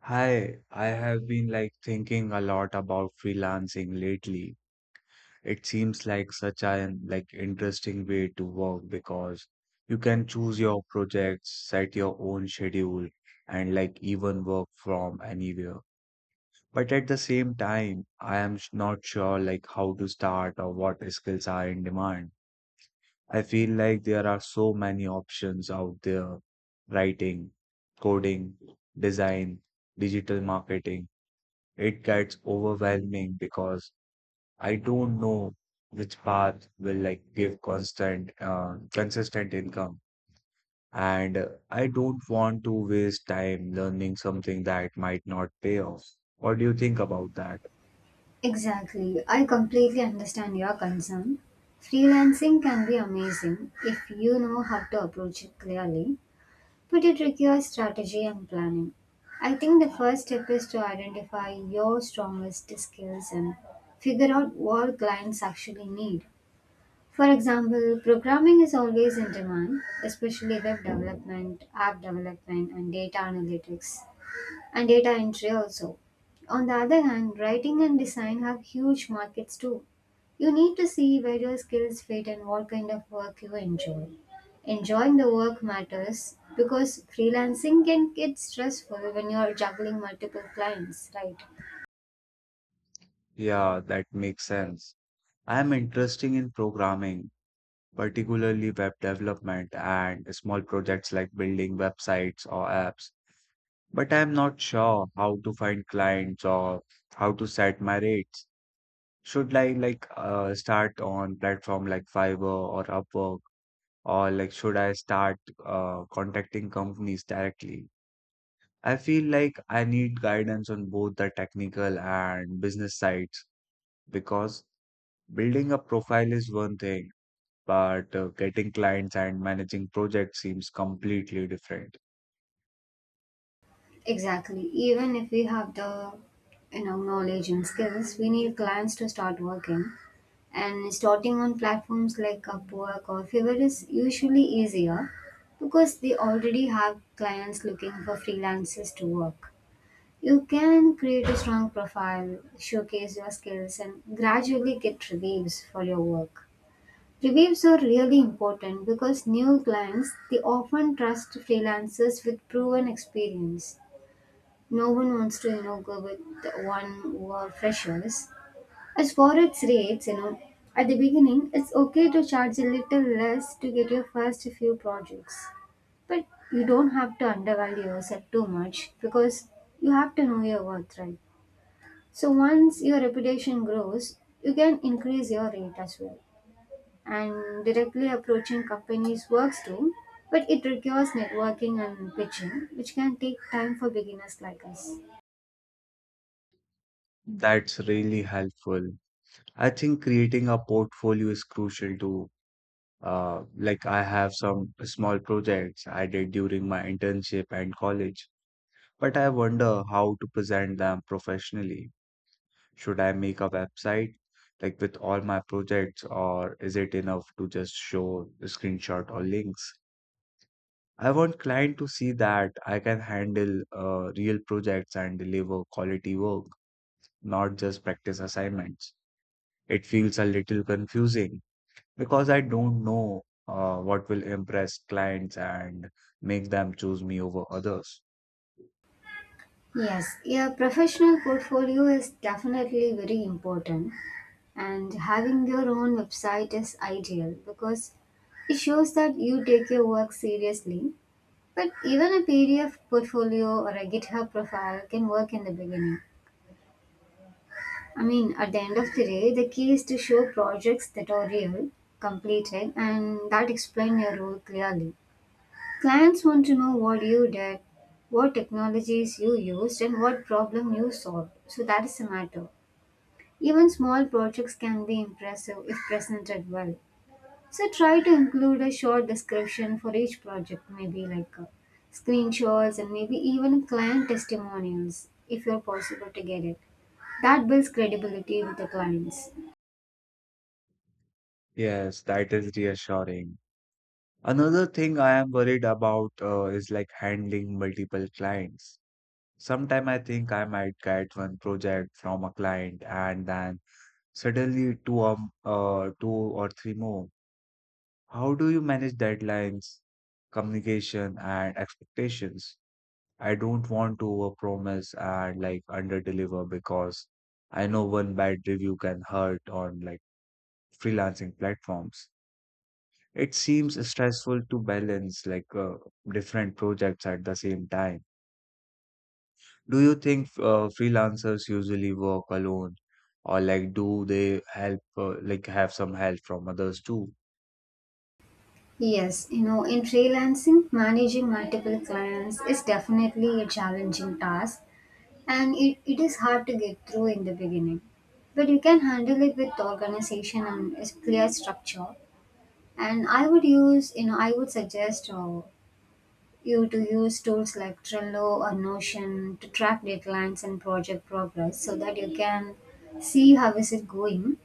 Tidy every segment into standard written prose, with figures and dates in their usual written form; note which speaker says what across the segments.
Speaker 1: Hi, I have been like thinking a lot about freelancing lately. It seems like such an interesting way to work because you can choose your projects, set your own schedule, and like even work from anywhere. But at the same time, I am not sure like how to start or what skills are in demand. I feel like there are so many options out there: writing, coding, design, digital marketing it gets overwhelming because I don't know which path will like give constant consistent income and I don't want to waste time learning something that might not pay off. What do you think about that?
Speaker 2: Exactly. I completely understand your concern. Freelancing can be amazing if you know how to approach it clearly, but it requires strategy and planning. I think the first step is to identify your strongest skills and figure out what clients actually need. For example, programming is always in demand, especially web development, app development, and data analytics and data entry also. On the other hand, writing and design have huge markets too. You need to see where your skills fit and what kind of work you enjoy. Enjoying the work matters because freelancing can get stressful when you're juggling multiple clients, right?
Speaker 1: Yeah, that makes sense. I am interested in programming, particularly web development and small projects like building websites or apps, but I am not sure how to find clients or how to set my rates. Should I start on platform like Fiverr or Upwork, or like should I start contacting companies directly? I feel like I need guidance on both the technical and business sides because building a profile is one thing, but getting clients and managing projects seems completely different.
Speaker 2: Exactly. Even if we have the knowledge and skills, we need clients to start working. And starting on platforms like Upwork or Fiverr is usually easier because they already have clients looking for freelancers to work. You can create a strong profile, showcase your skills, and gradually get reviews for your work. Reviews are really important because new clients they often trust freelancers with proven experience. No one wants to go with one who are freshers. As for its rates, at the beginning, it's okay to charge a little less to get your first few projects. But you don't have to undervalue yourself too much because you have to know your worth, right? So once your reputation grows, you can increase your rate as well. And directly approaching companies works too, but it requires networking and pitching, which can take time for beginners like us.
Speaker 1: That's really helpful. I think creating a portfolio is crucial too. Like I have some small projects I did during my internship and college, but I wonder how to present them professionally. Should I make a website like with all my projects, or is it enough to just show a screenshot or links? I want client to see that I can handle real projects and deliver quality work, not just practice assignments. It feels a little confusing because I don't know what will impress clients and make them choose me over others.
Speaker 2: Yes, your professional portfolio is definitely very important. And having your own website is ideal because it shows that you take your work seriously. But even a PDF portfolio or a GitHub profile can work in the beginning. I mean, at the end of the day, the key is to show projects that are real, completed, and that explain your role clearly. Clients want to know what you did, what technologies you used, and what problem you solved. So that is a matter. Even small projects can be impressive if presented well. So try to include a short description for each project, maybe like screenshots and maybe even client testimonials if you're possible to get it. That builds credibility with the clients.
Speaker 1: Yes, that is reassuring. Another thing I am worried about is like handling multiple clients. Sometimes I think I might get one project from a client and then suddenly two or three more. How do you manage deadlines, communication, and expectations? I don't want to overpromise and like underdeliver because I know one bad review can hurt on like freelancing platforms. It seems stressful to balance different projects at the same time. Do you think freelancers usually work alone or like do they help like have some help from others too?
Speaker 2: Yes, you know, in freelancing, managing multiple clients is definitely a challenging task and it is hard to get through in the beginning. But you can handle it with organization and a clear structure. And I would use, you know, I would suggest you to use tools like Trello or Notion to track deadlines and project progress so that you can see how is it going.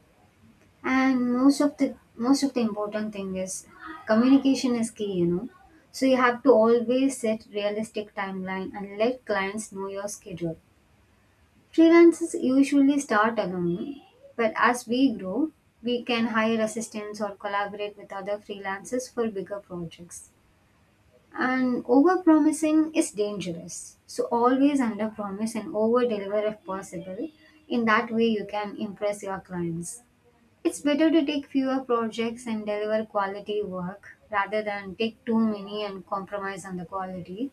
Speaker 2: And most of the important thing is communication is key, you know. So you have to always set realistic timeline and let clients know your schedule. Freelancers usually start alone, but as we grow, we can hire assistants or collaborate with other freelancers for bigger projects. And overpromising is dangerous. So always underpromise and overdeliver if possible. In that way, you can impress your clients. It's better to take fewer projects and deliver quality work rather than take too many and compromise on the quality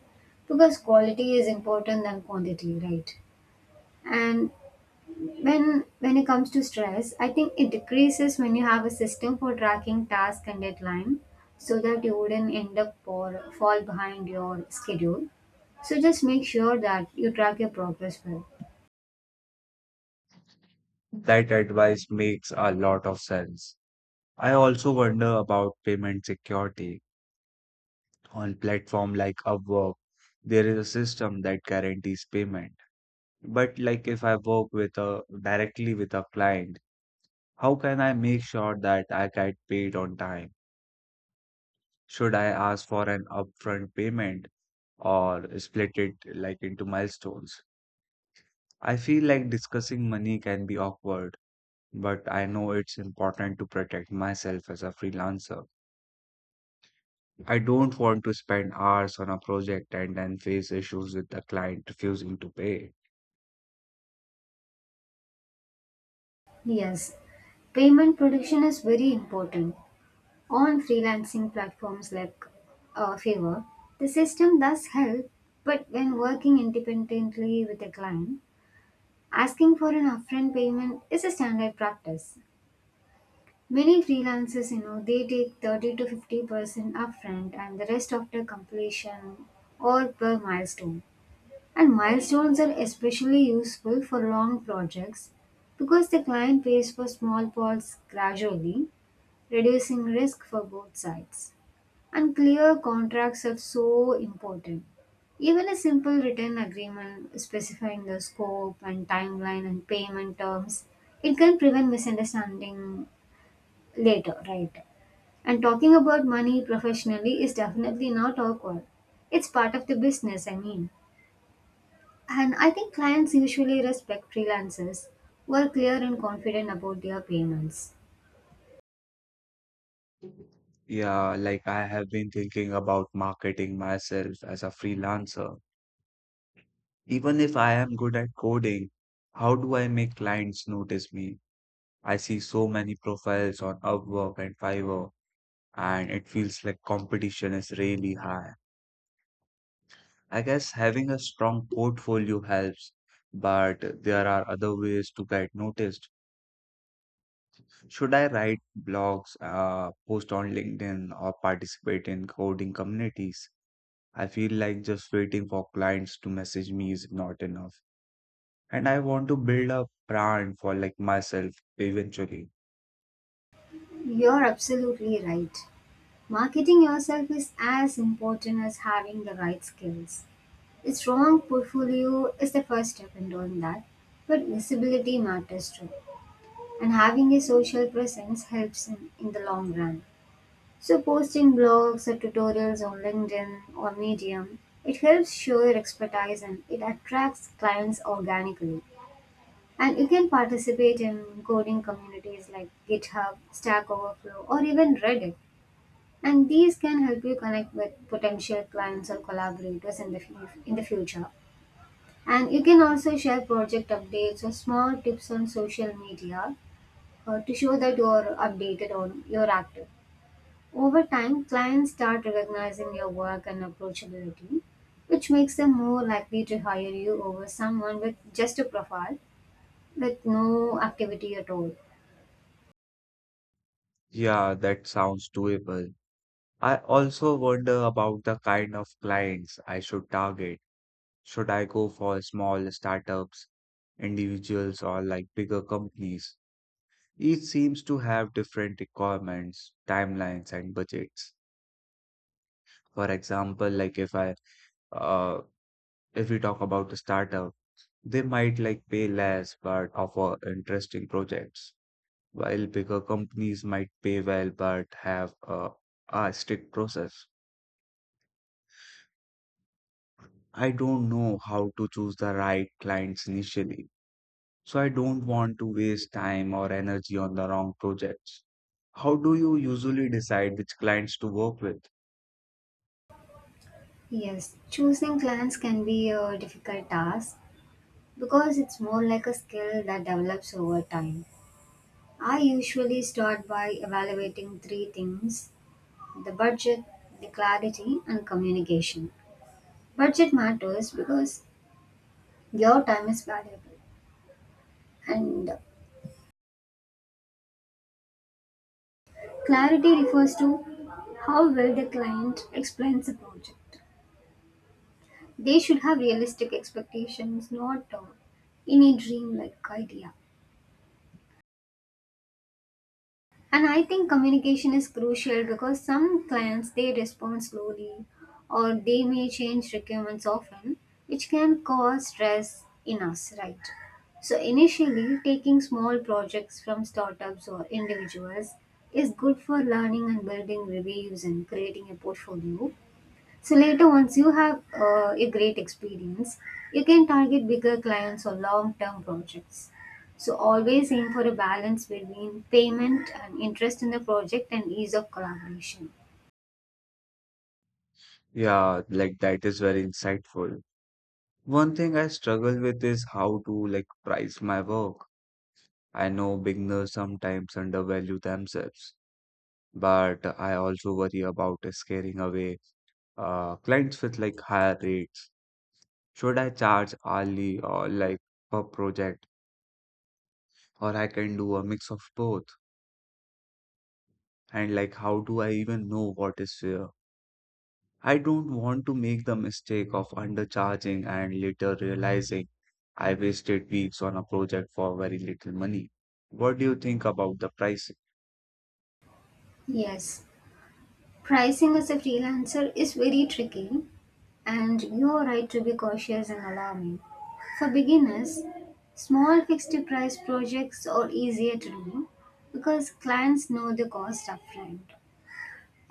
Speaker 2: because quality is important than quantity, right? And when it comes to stress, I think it decreases when you have a system for tracking task and deadline so that you wouldn't end up or fall behind your schedule. So just make sure that you track your progress well.
Speaker 1: That advice makes a lot of sense. I also wonder about payment security on platform like Upwork, there is a system that guarantees payment. But like if I work with a directly with a client, how can I make sure that I get paid on time? Should I ask for an upfront payment or split it like into milestones? I feel like discussing money can be awkward, but I know it's important to protect myself as a freelancer. I don't want to spend hours on a project and then face issues with the client refusing to pay.
Speaker 2: Yes, payment protection is very important on freelancing platforms like Fiverr. The system does help, but when working independently with a client, asking for an upfront payment is a standard practice. Many freelancers, you know, they take 30 to 50% upfront and the rest after completion or per milestone. And milestones are especially useful for long projects because the client pays for small pots gradually, reducing risk for both sides. And clear contracts are so important. Even a simple written agreement specifying the scope and timeline and payment terms, it can prevent misunderstanding later, right? And talking about money professionally is definitely not awkward. It's part of the business, I mean. And I think clients usually respect freelancers who are clear and confident about their payments.
Speaker 1: Yeah, like I have been thinking about marketing myself as a freelancer. Even if I am good at coding, how do I make clients notice me? I see so many profiles on Upwork and Fiverr, and it feels like competition is really high. I guess having a strong portfolio helps, but there are other ways to get noticed. Should I write blogs, post on LinkedIn, or participate in coding communities? I feel like just waiting for clients to message me is not enough. And I want to build a brand for like myself eventually.
Speaker 2: You're absolutely right. Marketing yourself is as important as having the right skills. A strong portfolio is the first step in doing that, but visibility matters too. And having a social presence helps in the long run. So, posting blogs or tutorials on LinkedIn or Medium, it helps show your expertise and it attracts clients organically. And you can participate in coding communities like GitHub, Stack Overflow, or even Reddit. And these can help you connect with potential clients or collaborators in the, in the future. And you can also share project updates or small tips on social media to show that you are updated or you're active. Over time, clients start recognizing your work and approachability, which makes them more likely to hire you over someone with just a profile with no activity at all.
Speaker 1: Yeah, that sounds doable. I also wonder about the kind of clients I should target. Should I go for small startups, individuals, or like bigger companies? Each seems to have different requirements, timelines, and budgets. For example, uh, if we talk about a startup, they might like pay less but offer interesting projects, while bigger companies might pay well but have a strict process. I don't know how to choose the right clients initially, so I don't want to waste time or energy on the wrong projects. How do you usually decide which clients to work with?
Speaker 2: Yes, choosing clients can be a difficult task because it's more like a skill that develops over time. I usually start by evaluating three things: the budget, the clarity, and communication. Budget matters because your time is valuable. And clarity refers to how well the client explains the project. They should have realistic expectations, not any dream-like idea. And I think communication is crucial because some clients they respond slowly, or they may change requirements often, which can cause stress in us, right? So initially, taking small projects from startups or individuals is good for learning and building reviews and creating a portfolio. So later, once you have a great experience, you can target bigger clients or long-term projects. So always aim for a balance between payment and interest in the project and ease of collaboration.
Speaker 1: Yeah, like that is very insightful. One thing I struggle with is how to like price my work. I know beginners sometimes undervalue themselves but I also worry about scaring away clients with like higher rates. Should I charge hourly or like per project, or I can do a mix of both? And like, how do I even know what is fair? I don't want to make the mistake of undercharging and later realizing I wasted weeks on a project for very little money. What do you think about the price?
Speaker 2: Yes, pricing as a freelancer is very tricky, and you are right to be cautious and alarming. For beginners, small fixed price projects are easier to do because clients know the cost upfront.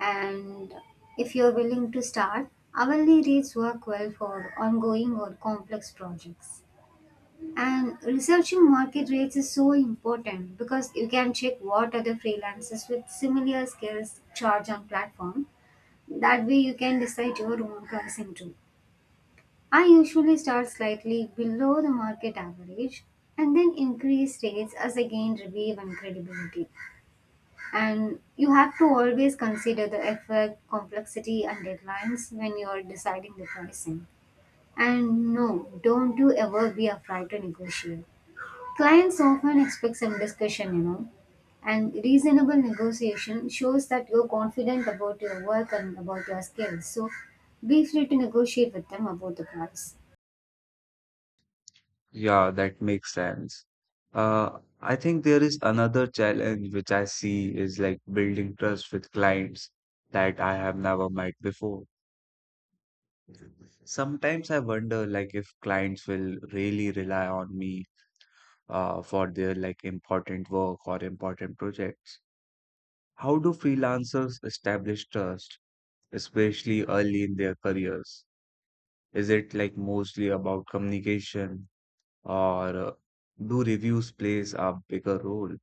Speaker 2: And if you're willing to start, hourly rates work well for ongoing or complex projects. And researching market rates is so important because you can check what other freelancers with similar skills charge on platform. That way you can decide your own pricing too. I usually start slightly below the market average and then increase rates as I gain review and credibility. And you have to always consider the effect, complexity, and deadlines when you're deciding the pricing. And no, don't you ever be afraid to negotiate. Clients often expect some discussion, you know. And reasonable negotiation shows that you're confident about your work and about your skills. So be free to negotiate with them about the price.
Speaker 1: Yeah, that makes sense. I think there is another challenge which I see is like building trust with clients that I have never met before. Sometimes I wonder like if clients will really rely on me for their like important work or important projects. How do freelancers establish trust, especially early in their careers? Is it like mostly about communication or do reviews plays a bigger role?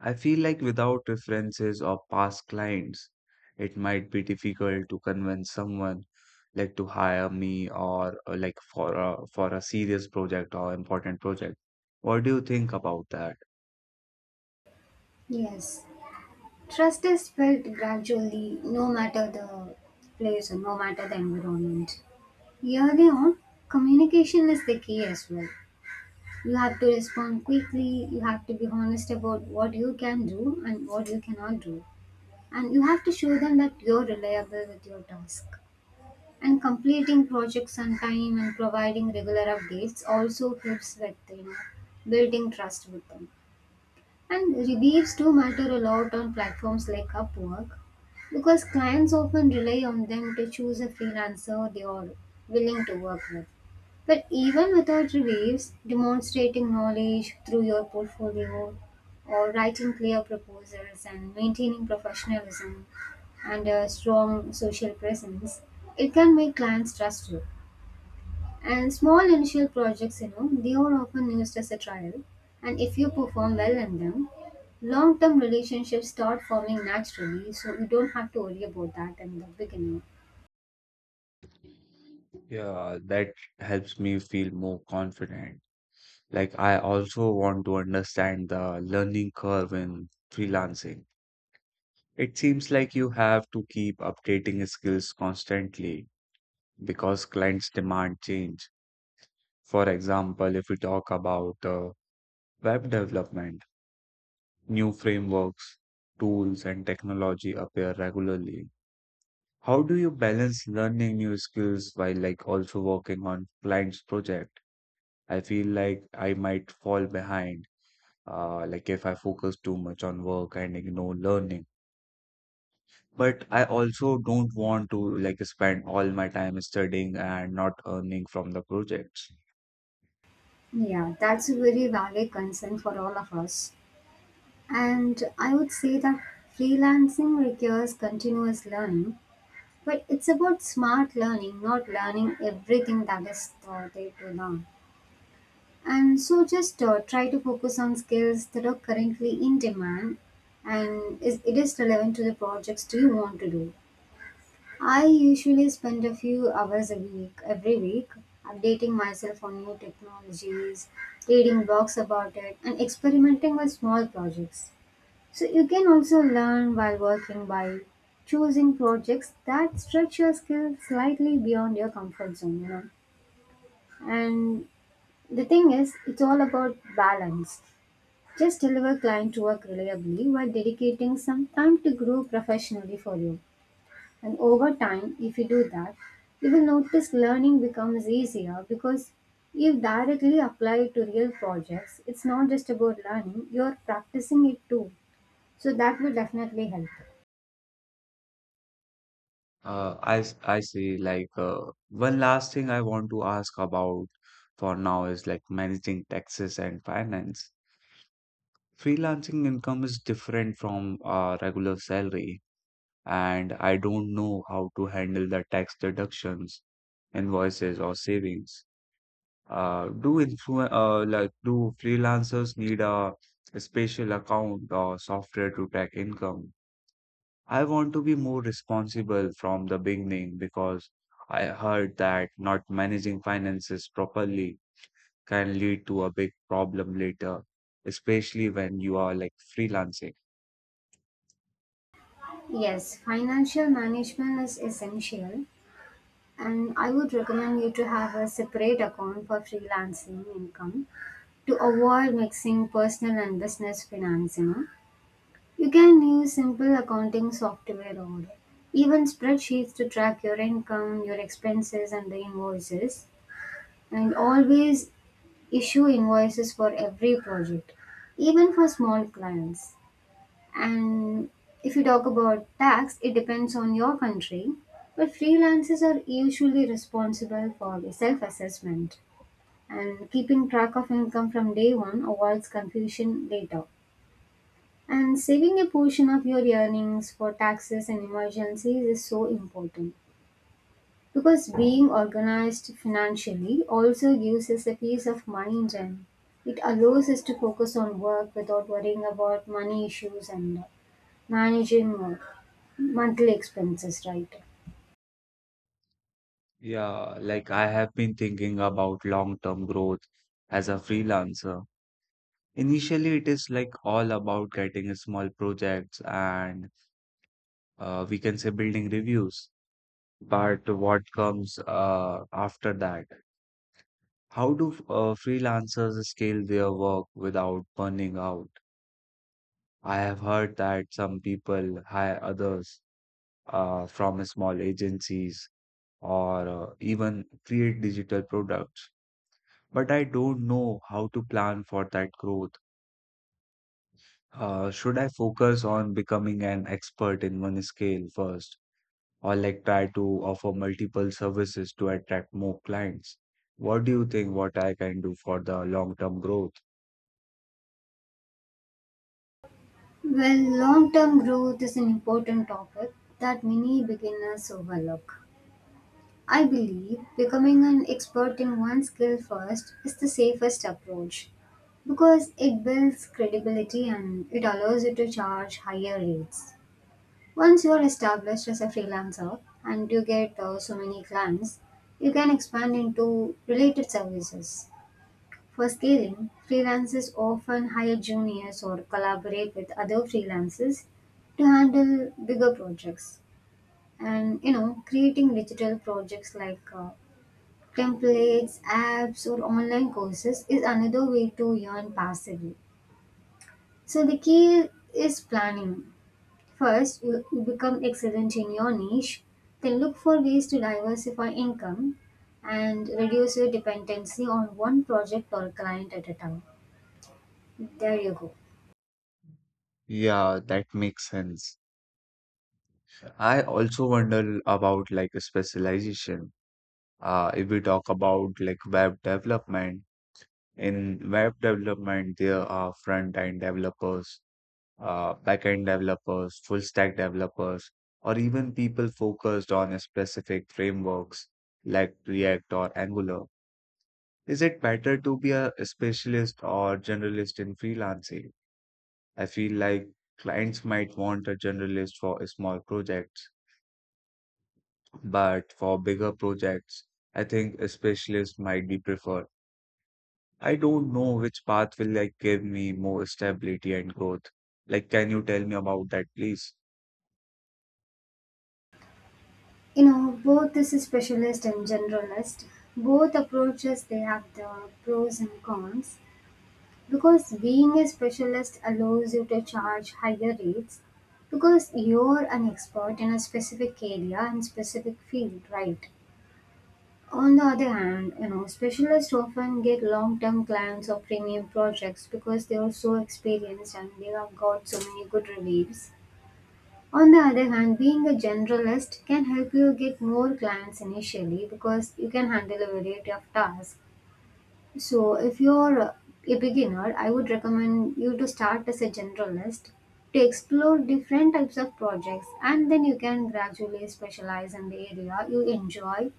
Speaker 1: I feel like without references or past clients, it might be difficult to convince someone like to hire me or like for for a serious project or important project. What do you think about that?
Speaker 2: Yes. Trust is built gradually, no matter the place or no matter the environment. Early on, communication is the key as well. You have to respond quickly, you have to be honest about what you can do and what you cannot do. And you have to show them that you're reliable with your task. And completing projects on time and providing regular updates also helps with you know building trust with them. And reviews do matter a lot on platforms like Upwork because clients often rely on them to choose a freelancer they are willing to work with. But even without reviews, demonstrating knowledge through your portfolio or writing clear proposals and maintaining professionalism and a strong social presence, it can make clients trust you. And small initial projects, you know, they are often used as a trial. And if you perform well in them, long term relationships start forming naturally. So you don't have to worry about that in the beginning.
Speaker 1: Yeah, that helps me feel more confident. Like I also want to understand the learning curve in freelancing. It seems like you have to keep updating skills constantly because clients demand change. For example, if we talk about web development, new frameworks, tools, and technology appear regularly. How do you balance learning new skills while like also working on clients' project? I feel like I might fall behind, like if I focus too much on work and ignore learning. But I also don't want to like spend all my time studying and not earning from the projects.
Speaker 2: Yeah, that's a very valid concern for all of us. And I would say that freelancing requires continuous learning, but it's about smart learning, not learning everything that is there to learn. And so just try to focus on skills that are currently in demand and it is relevant to the projects do you want to do. I usually spend a few hours a week, every week, updating myself on new technologies, reading blogs about it, and experimenting with small projects. So you can also learn while working by choosing projects that stretch your skills slightly beyond your comfort zone, you know. And the thing is, it's all about balance. Just deliver client work reliably while dedicating some time to grow professionally for you. And over time, if you do that, you will notice learning becomes easier because you directly applied to real projects. It's not just about learning, you're practicing it too. So that will definitely help.
Speaker 1: I see. One last thing I want to ask about for now is like managing taxes and finance. Freelancing income is different from regular salary, and I don't know how to handle the tax deductions, invoices, or savings. Do influ Like do freelancers need a special account or software to track income? I want to be more responsible from the beginning because I heard that not managing finances properly can lead to a big problem later, especially when you are like freelancing.
Speaker 2: Yes, financial management is essential, and I would recommend you to have a separate account for freelancing income to avoid mixing personal and business finance. You can use simple accounting software or even spreadsheets to track your income, your expenses, and the invoices. And always issue invoices for every project, even for small clients. And if you talk about tax, it depends on your country. But freelancers are usually responsible for the self assessment, and keeping track of income from day one avoids confusion later. And saving a portion of your earnings for taxes and emergencies is so important, because being organized financially also gives us a peace of mind, and it allows us to focus on work without worrying about money issues and managing monthly expenses, right?
Speaker 1: Yeah, like I have been thinking about long-term growth as a freelancer. Initially, it is like all about getting small projects and we can say building reviews. But what comes after that? How do freelancers scale their work without burning out? I have heard that some people hire others from small agencies or even create digital products, but I don't know how to plan for that growth. Should I focus on becoming an expert in one scale first, or like try to offer multiple services to attract more clients? What do you think what I can do for the long-term growth?
Speaker 2: Well, long term growth is an important topic that many beginners overlook. I believe becoming an expert in one skill first is the safest approach, because it builds credibility and it allows you to charge higher rates. Once you are established as a freelancer and you get so many clients, you can expand into related services. For scaling, freelancers often hire juniors or collaborate with other freelancers to handle bigger projects. And creating digital projects like templates, apps, or online courses is another way to earn passively. So the key is planning. First, you become excellent in your niche, then look for ways to diversify income and reduce your dependency on one project or client at a time. There you go.
Speaker 1: Yeah, that makes sense. I also wonder about like a specialization. If we talk about like web development, in web development, there are front-end developers, back-end developers, full-stack developers, or even people focused on specific frameworks like React or Angular. Is it better to be a specialist or generalist in freelancing? I feel like clients might want a generalist for small projects but for bigger projects, I think a specialist might be preferred. I don't know which path will like give me more stability and growth. Like, can you tell me about that, please?
Speaker 2: Both this is specialist and generalist. Both approaches they have the pros and cons, because being a specialist allows you to charge higher rates because you're an expert in a specific area and specific field, right? On the other hand, specialists often get long-term clients or premium projects because they are so experienced and they have got so many good reviews. On the other hand, being a generalist can help you get more clients initially because you can handle a variety of tasks. So, if you're a beginner, I would recommend you to start as a generalist to explore different types of projects, and then you can gradually specialize in the area you enjoy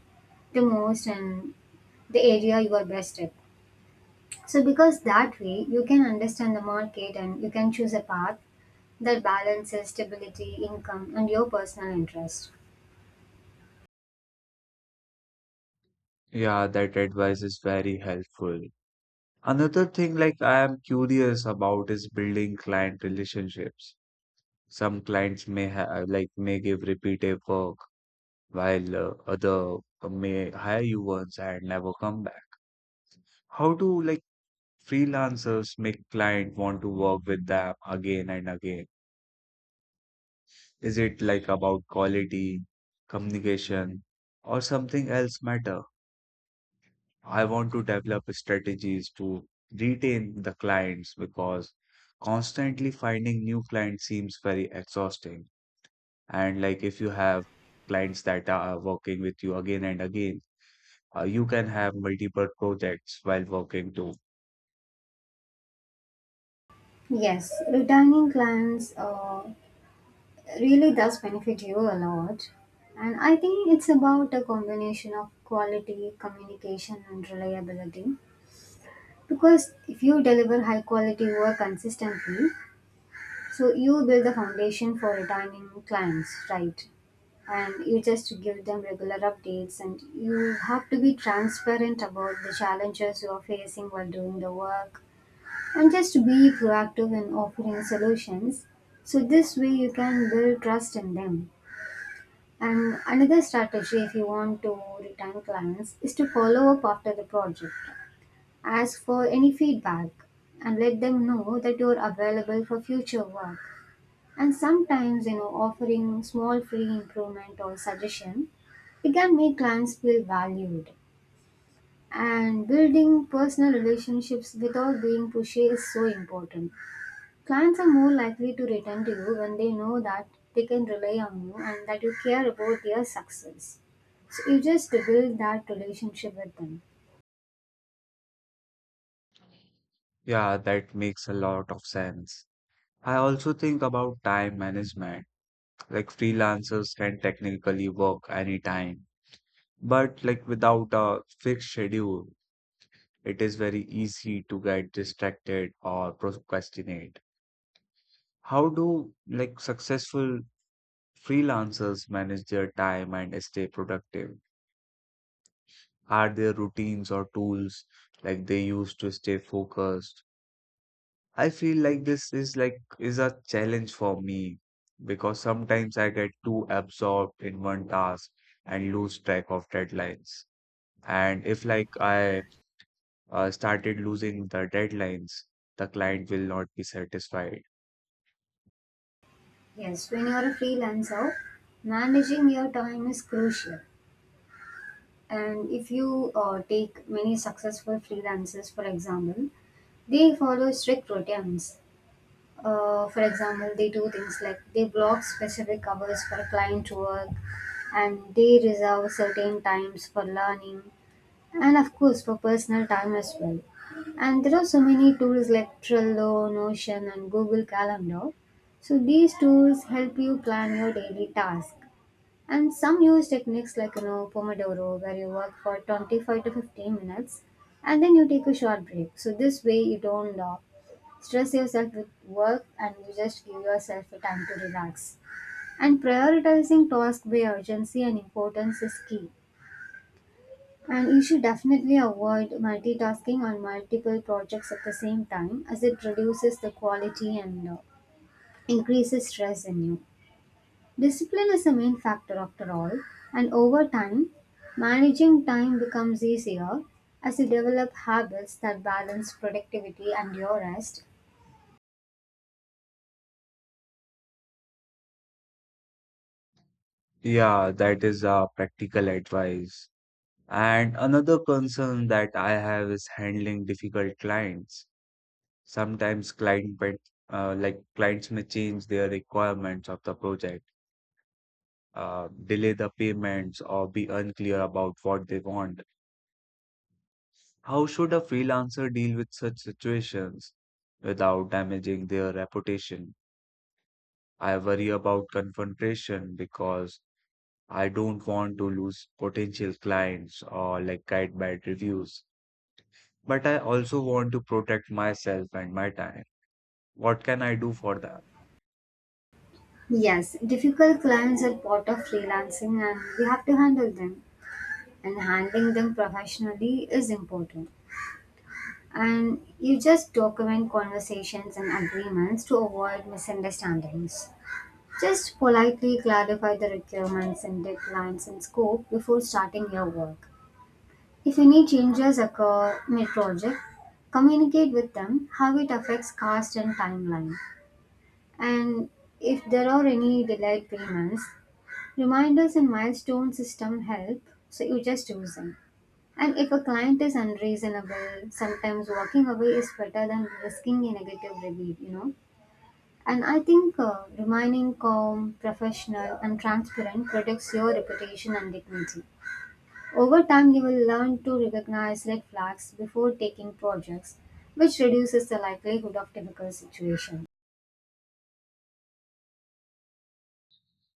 Speaker 2: the most and the area you are best at. So, because that way you can understand the market and you can choose a path that balances stability, income, and your personal interest.
Speaker 1: Yeah, that advice is very helpful. Another thing like I am curious about is building client relationships. Some clients may ha like may give repetitive work while other may hire you once and never come back. How to like freelancers make client want to work with them again and again? Is it like about quality, communication, or something else matter? I want to develop strategies to retain the clients because constantly finding new clients seems very exhausting. And like if you have clients that are working with you again and again, you can have multiple projects while working too.
Speaker 2: Yes, retaining clients really does benefit you a lot. And I think it's about a combination of quality, communication, and reliability. Because if you deliver high quality work consistently, so you build the foundation for returning clients, right? And you just give them regular updates, and you have to be transparent about the challenges you are facing while doing the work, and just be proactive in offering solutions. So this way you can build trust in them. And another strategy, if you want to retain clients, is to follow up after the project. Ask for any feedback and let them know that you are available for future work, and sometimes offering small free improvement or suggestion, it can make clients feel valued. And building personal relationships without being pushy is so important. Clients are more likely to return to you when they know that they can rely on you and that you care about their success, so you just build that relationship with them.
Speaker 1: Yeah, that makes a lot of sense. I also think about time management. Like freelancers can technically work anytime, but like without a fixed schedule, it is very easy to get distracted or procrastinate. How do like successful freelancers manage their time and stay productive? Are there routines or tools like they use to stay focused? I feel like this is a challenge for me because sometimes I get too absorbed in one task and lose track of deadlines. And if like I started losing the deadlines, the client will not be satisfied.
Speaker 2: Yes, when you're a freelancer, managing your time is crucial. And if you take many successful freelancers, for example, they follow strict routines. For example, they do things like they block specific hours for client work, and they reserve certain times for learning and, of course, for personal time as well. And there are so many tools like Trello, Notion, and Google Calendar. So these tools help you plan your daily tasks, and some use techniques like Pomodoro, where you work for 25 to 15 minutes, and then you take a short break. So this way you don't stress yourself with work, and you just give yourself the time to relax. And prioritizing tasks by urgency and importance is key. And you should definitely avoid multitasking on multiple projects at the same time, as it reduces the quality and increases stress in you. Discipline is the main factor after all, and over time, managing time becomes easier as you develop habits that balance productivity and your rest.
Speaker 1: Yeah, that is a practical advice. And another concern that I have is handling difficult clients. Sometimes client, but Like clients may change their requirements of the project delay the payments or be unclear about what they want. How should a freelancer deal with such situations without damaging their reputation? I worry about confrontation because I don't want to lose potential clients or like get bad reviews. But I also want to protect myself and my time. What can I do for that?
Speaker 2: Yes, difficult clients are part of freelancing and we have to handle them, and handling them professionally is important. And you just document conversations and agreements to avoid misunderstandings. Just politely clarify the requirements and deadlines and scope before starting your work. If any changes occur mid-project, communicate with them how it affects cost and timeline. And if there are any delayed payments, reminders and milestone system help, so you just use them. And if a client is unreasonable, sometimes walking away is better than risking a negative review. And I think remaining calm, professional, and transparent protects your reputation and dignity. Over time, you will learn to recognize red flags before taking projects, which reduces the likelihood of difficult situations.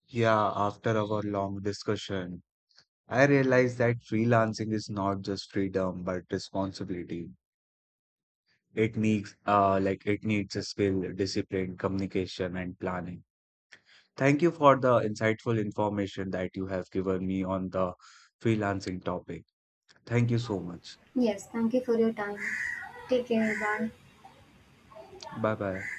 Speaker 1: Yeah, after our long discussion, I realized that freelancing is not just freedom but responsibility. It needs it needs a skill, discipline, communication, and planning. Thank you for the insightful information that you have given me on the freelancing topic. Thank you so much.
Speaker 2: Yes, thank you for your time. Take care. Bye.
Speaker 1: Bye bye.